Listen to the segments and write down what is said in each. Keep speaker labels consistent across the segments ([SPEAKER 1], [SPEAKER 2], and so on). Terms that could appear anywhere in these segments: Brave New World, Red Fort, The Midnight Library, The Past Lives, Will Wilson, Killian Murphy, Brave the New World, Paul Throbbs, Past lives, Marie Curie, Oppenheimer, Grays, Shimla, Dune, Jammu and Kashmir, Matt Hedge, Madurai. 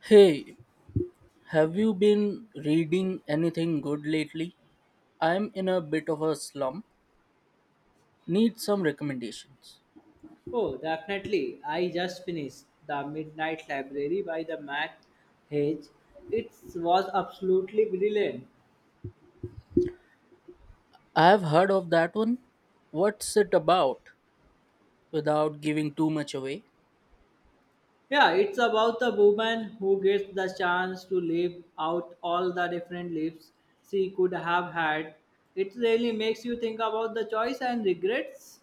[SPEAKER 1] Hey, have you been reading anything good lately? I'm in a bit of a slump. Need some recommendations.
[SPEAKER 2] Oh, definitely. I just finished The Midnight Library by the Matt Hedge. It was absolutely brilliant.
[SPEAKER 1] I have heard of that one. What's it about? Without giving too much away.
[SPEAKER 2] Yeah, it's about the woman who gets the chance to live out all the different lives she could have had. It really makes you think about the choice and regrets.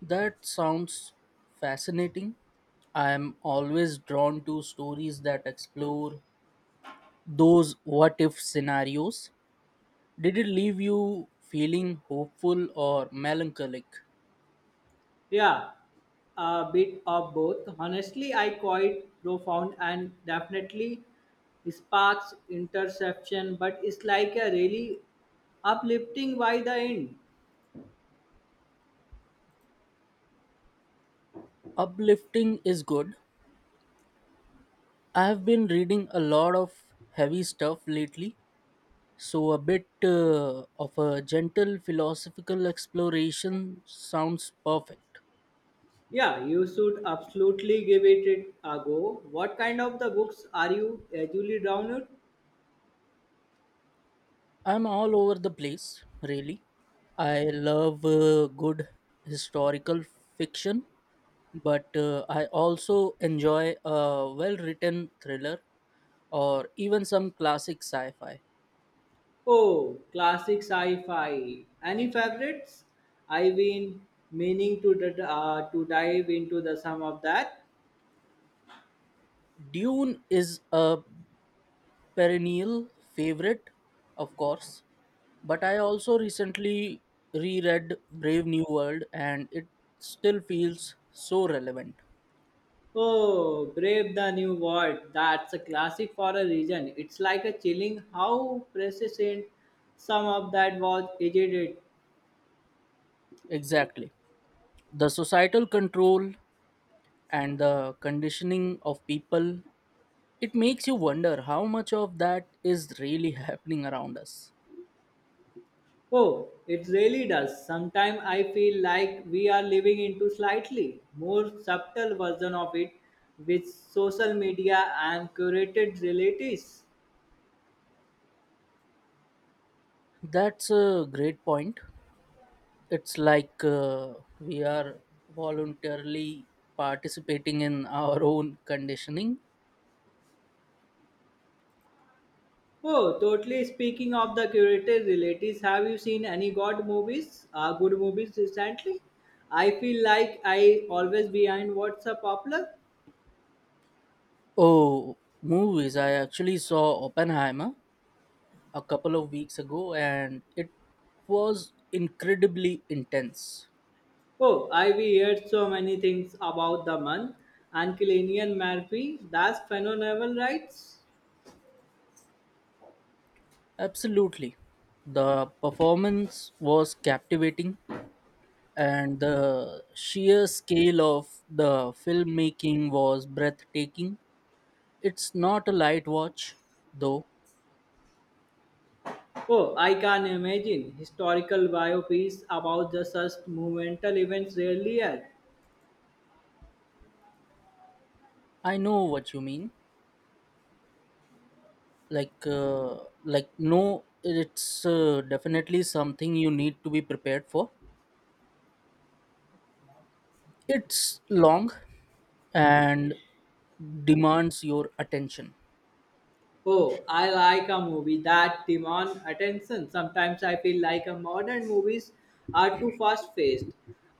[SPEAKER 1] That sounds fascinating. I'm always drawn to stories that explore those what if scenarios. Did it leave you feeling hopeful or melancholic?
[SPEAKER 2] Yeah, a bit of both. Honestly, I quite profound and definitely sparks interception, but it's like a really uplifting by the end.
[SPEAKER 1] Uplifting is good, I've been reading a lot of heavy stuff lately, so a bit of a gentle philosophical exploration sounds perfect.
[SPEAKER 2] Yeah, you should absolutely give it a go. What kind of the books are you usually drawn to?
[SPEAKER 1] I'm all over the place, really. I love good historical fiction, but I also enjoy a well written thriller or even some classic sci fi.
[SPEAKER 2] Oh, classic sci-fi. Any favorites? I've been meaning to to dive into the some of that.
[SPEAKER 1] Dune is a perennial favorite, of course, but I also recently reread Brave New World and it still feels so relevant.
[SPEAKER 2] Oh, Brave the New World. That's a classic for a reason. It's like a chilling how prescient some of that was. Is it.
[SPEAKER 1] Exactly. The societal control and the conditioning of people, it makes you wonder how much of that is really happening around us.
[SPEAKER 2] Oh, it really does. Sometimes I feel like we are living into slightly more subtle version of it with social media and curated relatives.
[SPEAKER 1] That's a great point. It's like we are voluntarily participating in our own conditioning.
[SPEAKER 2] Oh, totally speaking of the curated relatives, have you seen any good movies recently? I feel like I always behind what's a popular.
[SPEAKER 1] Oh, movies. I actually saw Oppenheimer a couple of weeks ago and it was incredibly intense.
[SPEAKER 2] Oh, I have heard so many things about the month and Killian Murphy. That's phenomenal, right?
[SPEAKER 1] Absolutely. The performance was captivating and the sheer scale of the filmmaking was breathtaking. It's not a light watch though.
[SPEAKER 2] Oh, I can imagine. Historical biopics about the such monumental events. Really, are.
[SPEAKER 1] I know what you mean. Like uh, no it's definitely something you need to be prepared for. It's long and demands your attention.
[SPEAKER 2] Oh, I like a movie that demands attention. Sometimes I feel like a modern movies are too fast-paced,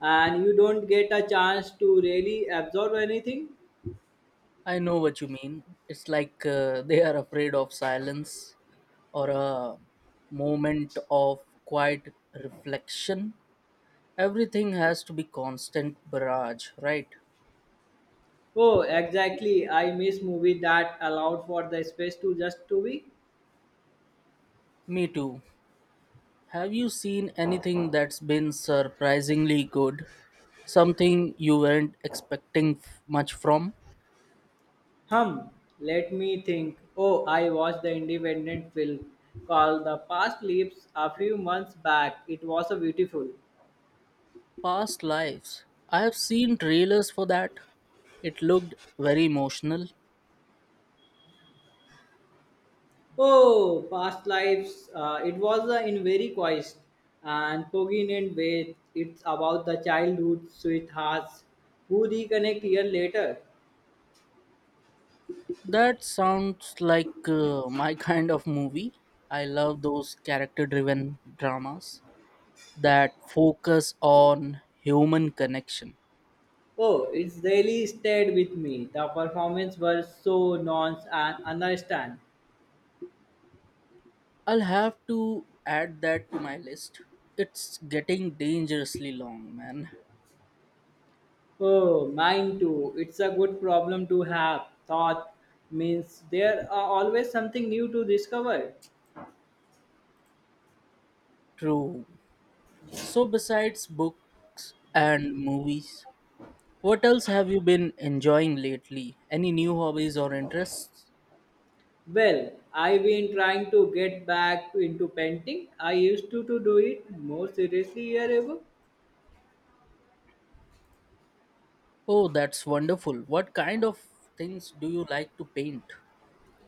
[SPEAKER 2] and you don't get a chance to really absorb anything.
[SPEAKER 1] I know what you mean. It's like they are afraid of silence or a moment of quiet reflection. Everything has to be constant barrage, right?
[SPEAKER 2] Oh, exactly. I miss movies that allowed for the space to just to be.
[SPEAKER 1] Me too. Have you seen anything that's been surprisingly good? Something you weren't expecting much from?
[SPEAKER 2] Hum, Let me think. Oh, I watched the independent film called The Past Lives a few months back. It was a beautiful.
[SPEAKER 1] Past lives. I have seen trailers for that. It looked very emotional.
[SPEAKER 2] Oh, past lives. It was in very quiet and poignant way. It's about the childhood sweethearts who reconnect year later.
[SPEAKER 1] That sounds like my kind of movie. I love those character driven dramas that focus on human connection.
[SPEAKER 2] Oh, it's really stayed with me. The performance were so nuanced and understand.
[SPEAKER 1] I'll have to add that to my list. It's getting dangerously long, man.
[SPEAKER 2] Oh, mine too. It's a good problem to have. Thought means there are always something new to discover.
[SPEAKER 1] True. So, besides books and movies, what else have you been enjoying lately? Any new hobbies or interests?
[SPEAKER 2] Well, I've been trying to get back into painting. I used to do it more seriously a year ago.
[SPEAKER 1] Oh, that's wonderful. What kind of things do you like to paint?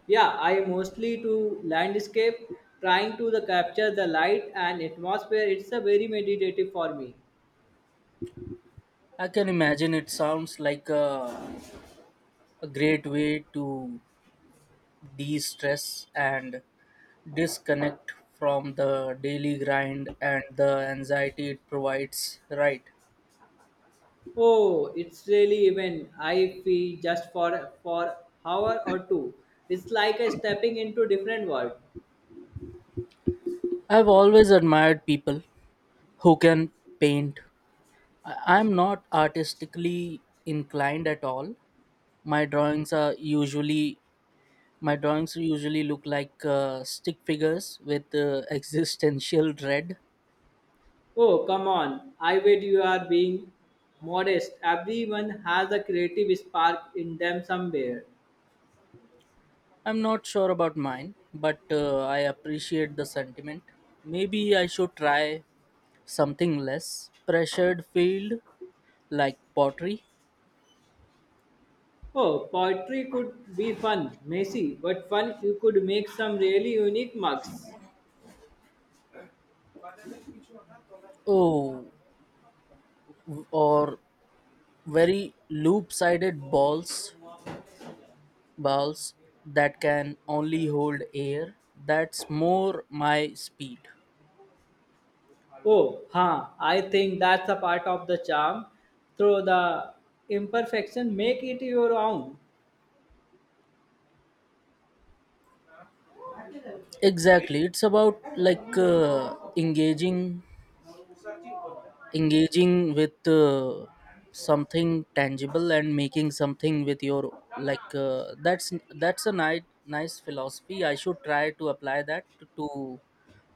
[SPEAKER 2] Yeah, I mostly do landscape, trying to the capture the light and atmosphere. It's a very meditative for me.
[SPEAKER 1] I can imagine, it sounds like a great way to de stress and disconnect from the daily grind and the anxiety it provides, right?
[SPEAKER 2] Oh, it's really even. I feel just for hour or two. It's like a stepping into different world.
[SPEAKER 1] I've always admired people who can paint. I'm not artistically inclined at all, my drawings are usually my drawings usually look like stick figures with existential dread.
[SPEAKER 2] Oh, come on. I bet you are being modest. Everyone has a creative spark in them somewhere.
[SPEAKER 1] I'm not sure about mine, but I appreciate the sentiment. Maybe I should try something less pressured field, like pottery.
[SPEAKER 2] Oh, poetry could be fun, messy, but fun you could make some really unique mugs.
[SPEAKER 1] Oh, or very loop-sided balls, balls that can only hold air. That's more my speed.
[SPEAKER 2] Oh, huh. I think that's a part of the charm. Through the imperfection, make it your own.
[SPEAKER 1] Exactly. It's about like engaging with something tangible and making something with your like that's a nice philosophy. I should try to apply that to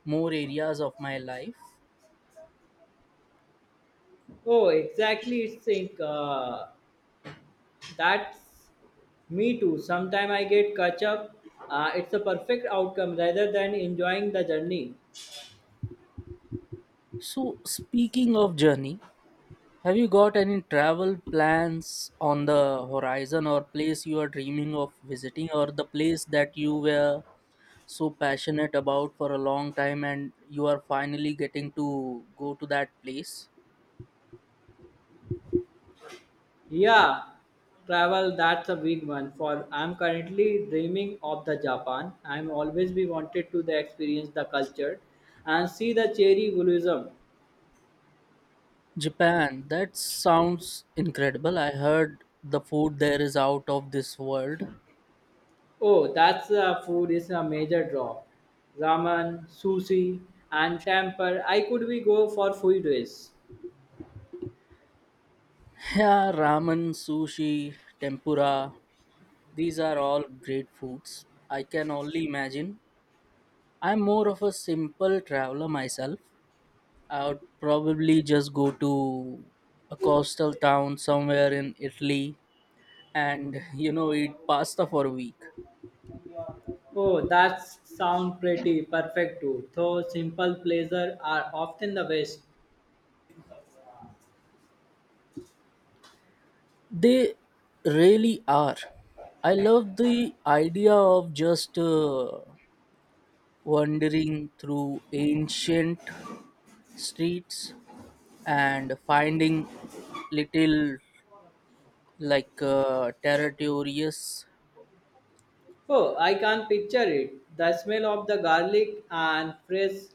[SPEAKER 1] more areas of my life.
[SPEAKER 2] Oh, exactly. It's think. That's me too. Sometimes I get catch up. It's a perfect outcome rather than enjoying the journey.
[SPEAKER 1] So speaking of journey, have you got any travel plans on the horizon, or place you are dreaming of visiting, or the place that you were so passionate about for a long time and you are finally getting to go to that place?
[SPEAKER 2] Yeah, travel that's a big one. For I'm currently dreaming of the Japan. I'm always be wanted to the experience the culture, and see the cherry blossom.
[SPEAKER 1] Japan, that sounds incredible. I heard the food there is out of this world.
[SPEAKER 2] Oh, that's food is a major draw. Ramen, sushi, and temper. I could be go for food days.
[SPEAKER 1] Yeah, ramen, sushi, tempura, these are all great foods. I can only imagine. I'm more of a simple traveler myself, I would probably just go to a coastal town somewhere in Italy and you know eat pasta for a week.
[SPEAKER 2] Oh, that sounds pretty perfect too, though simple pleasures are often the best.
[SPEAKER 1] They really are. I love the idea of just wandering through ancient streets and finding little like territorious.
[SPEAKER 2] Oh, I can picture it. The smell of the garlic and fresh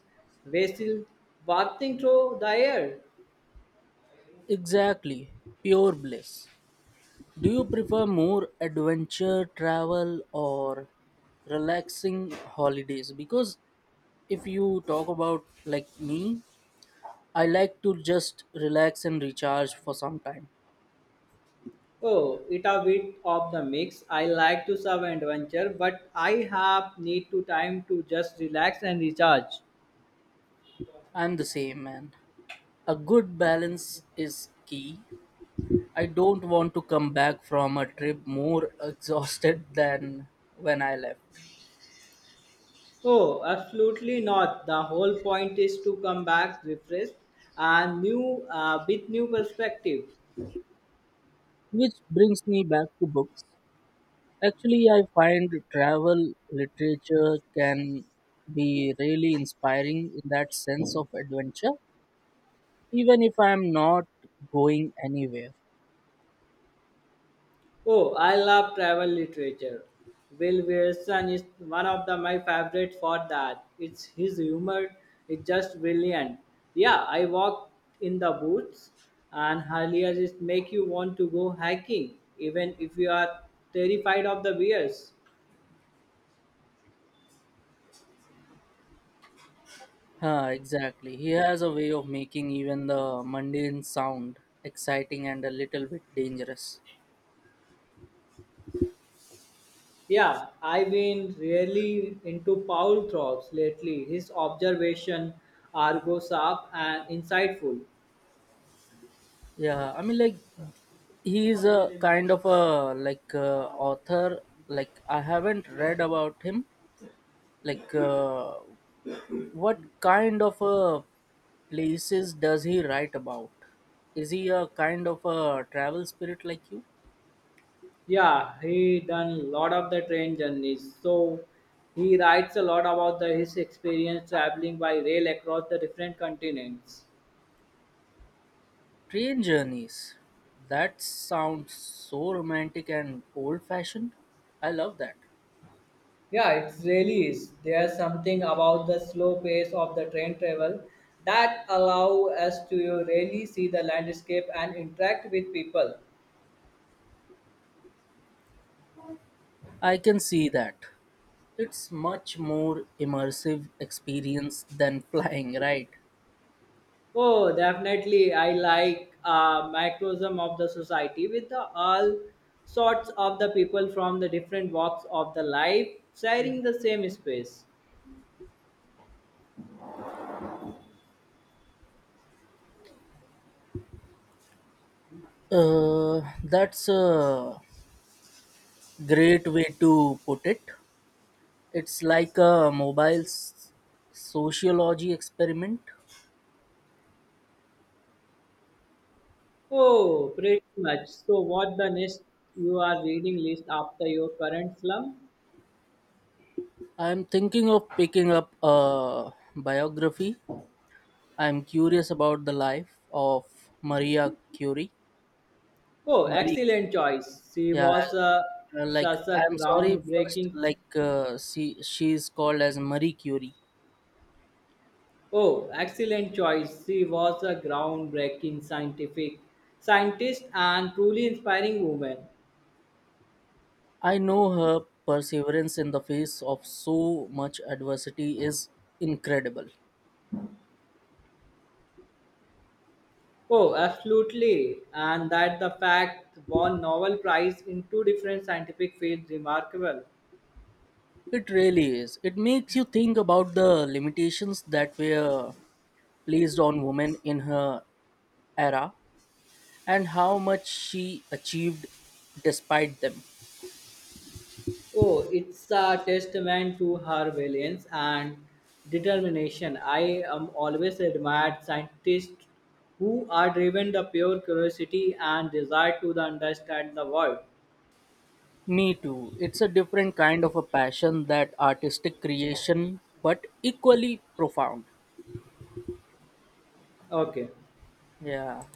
[SPEAKER 2] basil wafting through the air.
[SPEAKER 1] Exactly, pure bliss. Do you prefer more adventure travel or relaxing holidays? Because if you talk about like me, I like to just relax and recharge for some time.
[SPEAKER 2] Oh, it a bit of the mix. I like to serve adventure, but I have need to time to just relax and recharge.
[SPEAKER 1] I'm the same man. A good balance is key. I don't want to come back from a trip more exhausted than when I left,
[SPEAKER 2] Oh, absolutely not. The whole point is to come back refreshed and new with new perspective.
[SPEAKER 1] which brings me back to books. Actually, I find travel literature can be really inspiring in that sense of adventure, even if I am not going anywhere.
[SPEAKER 2] Oh, I love travel literature. Will Wilson is one of my favorites for that. It's his humor is just brilliant. Yeah, I walked in the woods, and earlier it make you want to go hiking, even if you are terrified of the bears.
[SPEAKER 1] Huh, exactly. He has a way of making even the mundane sound exciting and a little bit dangerous.
[SPEAKER 2] Yeah, I've been really into Paul Throbbs lately. His observation are go sharp and insightful.
[SPEAKER 1] Yeah, I mean, like, he is a kind of a like author. Like, I haven't read about him. Like, what kind of places does he write about? Is he a kind of a travel spirit like you?
[SPEAKER 2] Yeah, he done a lot of the train journeys. So he writes a lot about his experience traveling by rail across the different continents.
[SPEAKER 1] Train journeys. That sounds so romantic and old fashioned. I love that.
[SPEAKER 2] Yeah, it really is. There's something about the slow pace of the train travel that allow us to really see the landscape and interact with people.
[SPEAKER 1] I can see that. It's much more immersive experience than flying, right?
[SPEAKER 2] Oh, definitely. I like microcosm of the society with the all sorts of the people from the different walks of the life sharing the same space.
[SPEAKER 1] That's a great way to put it. It's like a mobile sociology experiment.
[SPEAKER 2] Oh, pretty much. So, what the next you are reading list after your current slum?
[SPEAKER 1] I'm thinking of picking up a biography. I'm curious about the life of Maria Curie.
[SPEAKER 2] Oh,
[SPEAKER 1] Marie,
[SPEAKER 2] excellent choice. She
[SPEAKER 1] yeah,
[SPEAKER 2] was a,
[SPEAKER 1] like
[SPEAKER 2] such a
[SPEAKER 1] I'm sorry first,
[SPEAKER 2] groundbreaking.
[SPEAKER 1] like she's called as Marie Curie.
[SPEAKER 2] Oh, excellent choice. She was a groundbreaking scientific scientist and truly inspiring woman.
[SPEAKER 1] I know her perseverance in the face of so much adversity is incredible.
[SPEAKER 2] Oh, absolutely. And that the fact won Nobel Prize in two different scientific fields remarkable.
[SPEAKER 1] It really is. It makes you think about the limitations that were placed on women in her era and how much she achieved despite them.
[SPEAKER 2] Oh, it's a testament to her valiance and determination. I am always admired scientists who are driven the pure curiosity and desire to the understand the world.
[SPEAKER 1] Me too. It's a different kind of a passion that artistic creation, but equally profound.
[SPEAKER 2] Okay.
[SPEAKER 1] Yeah.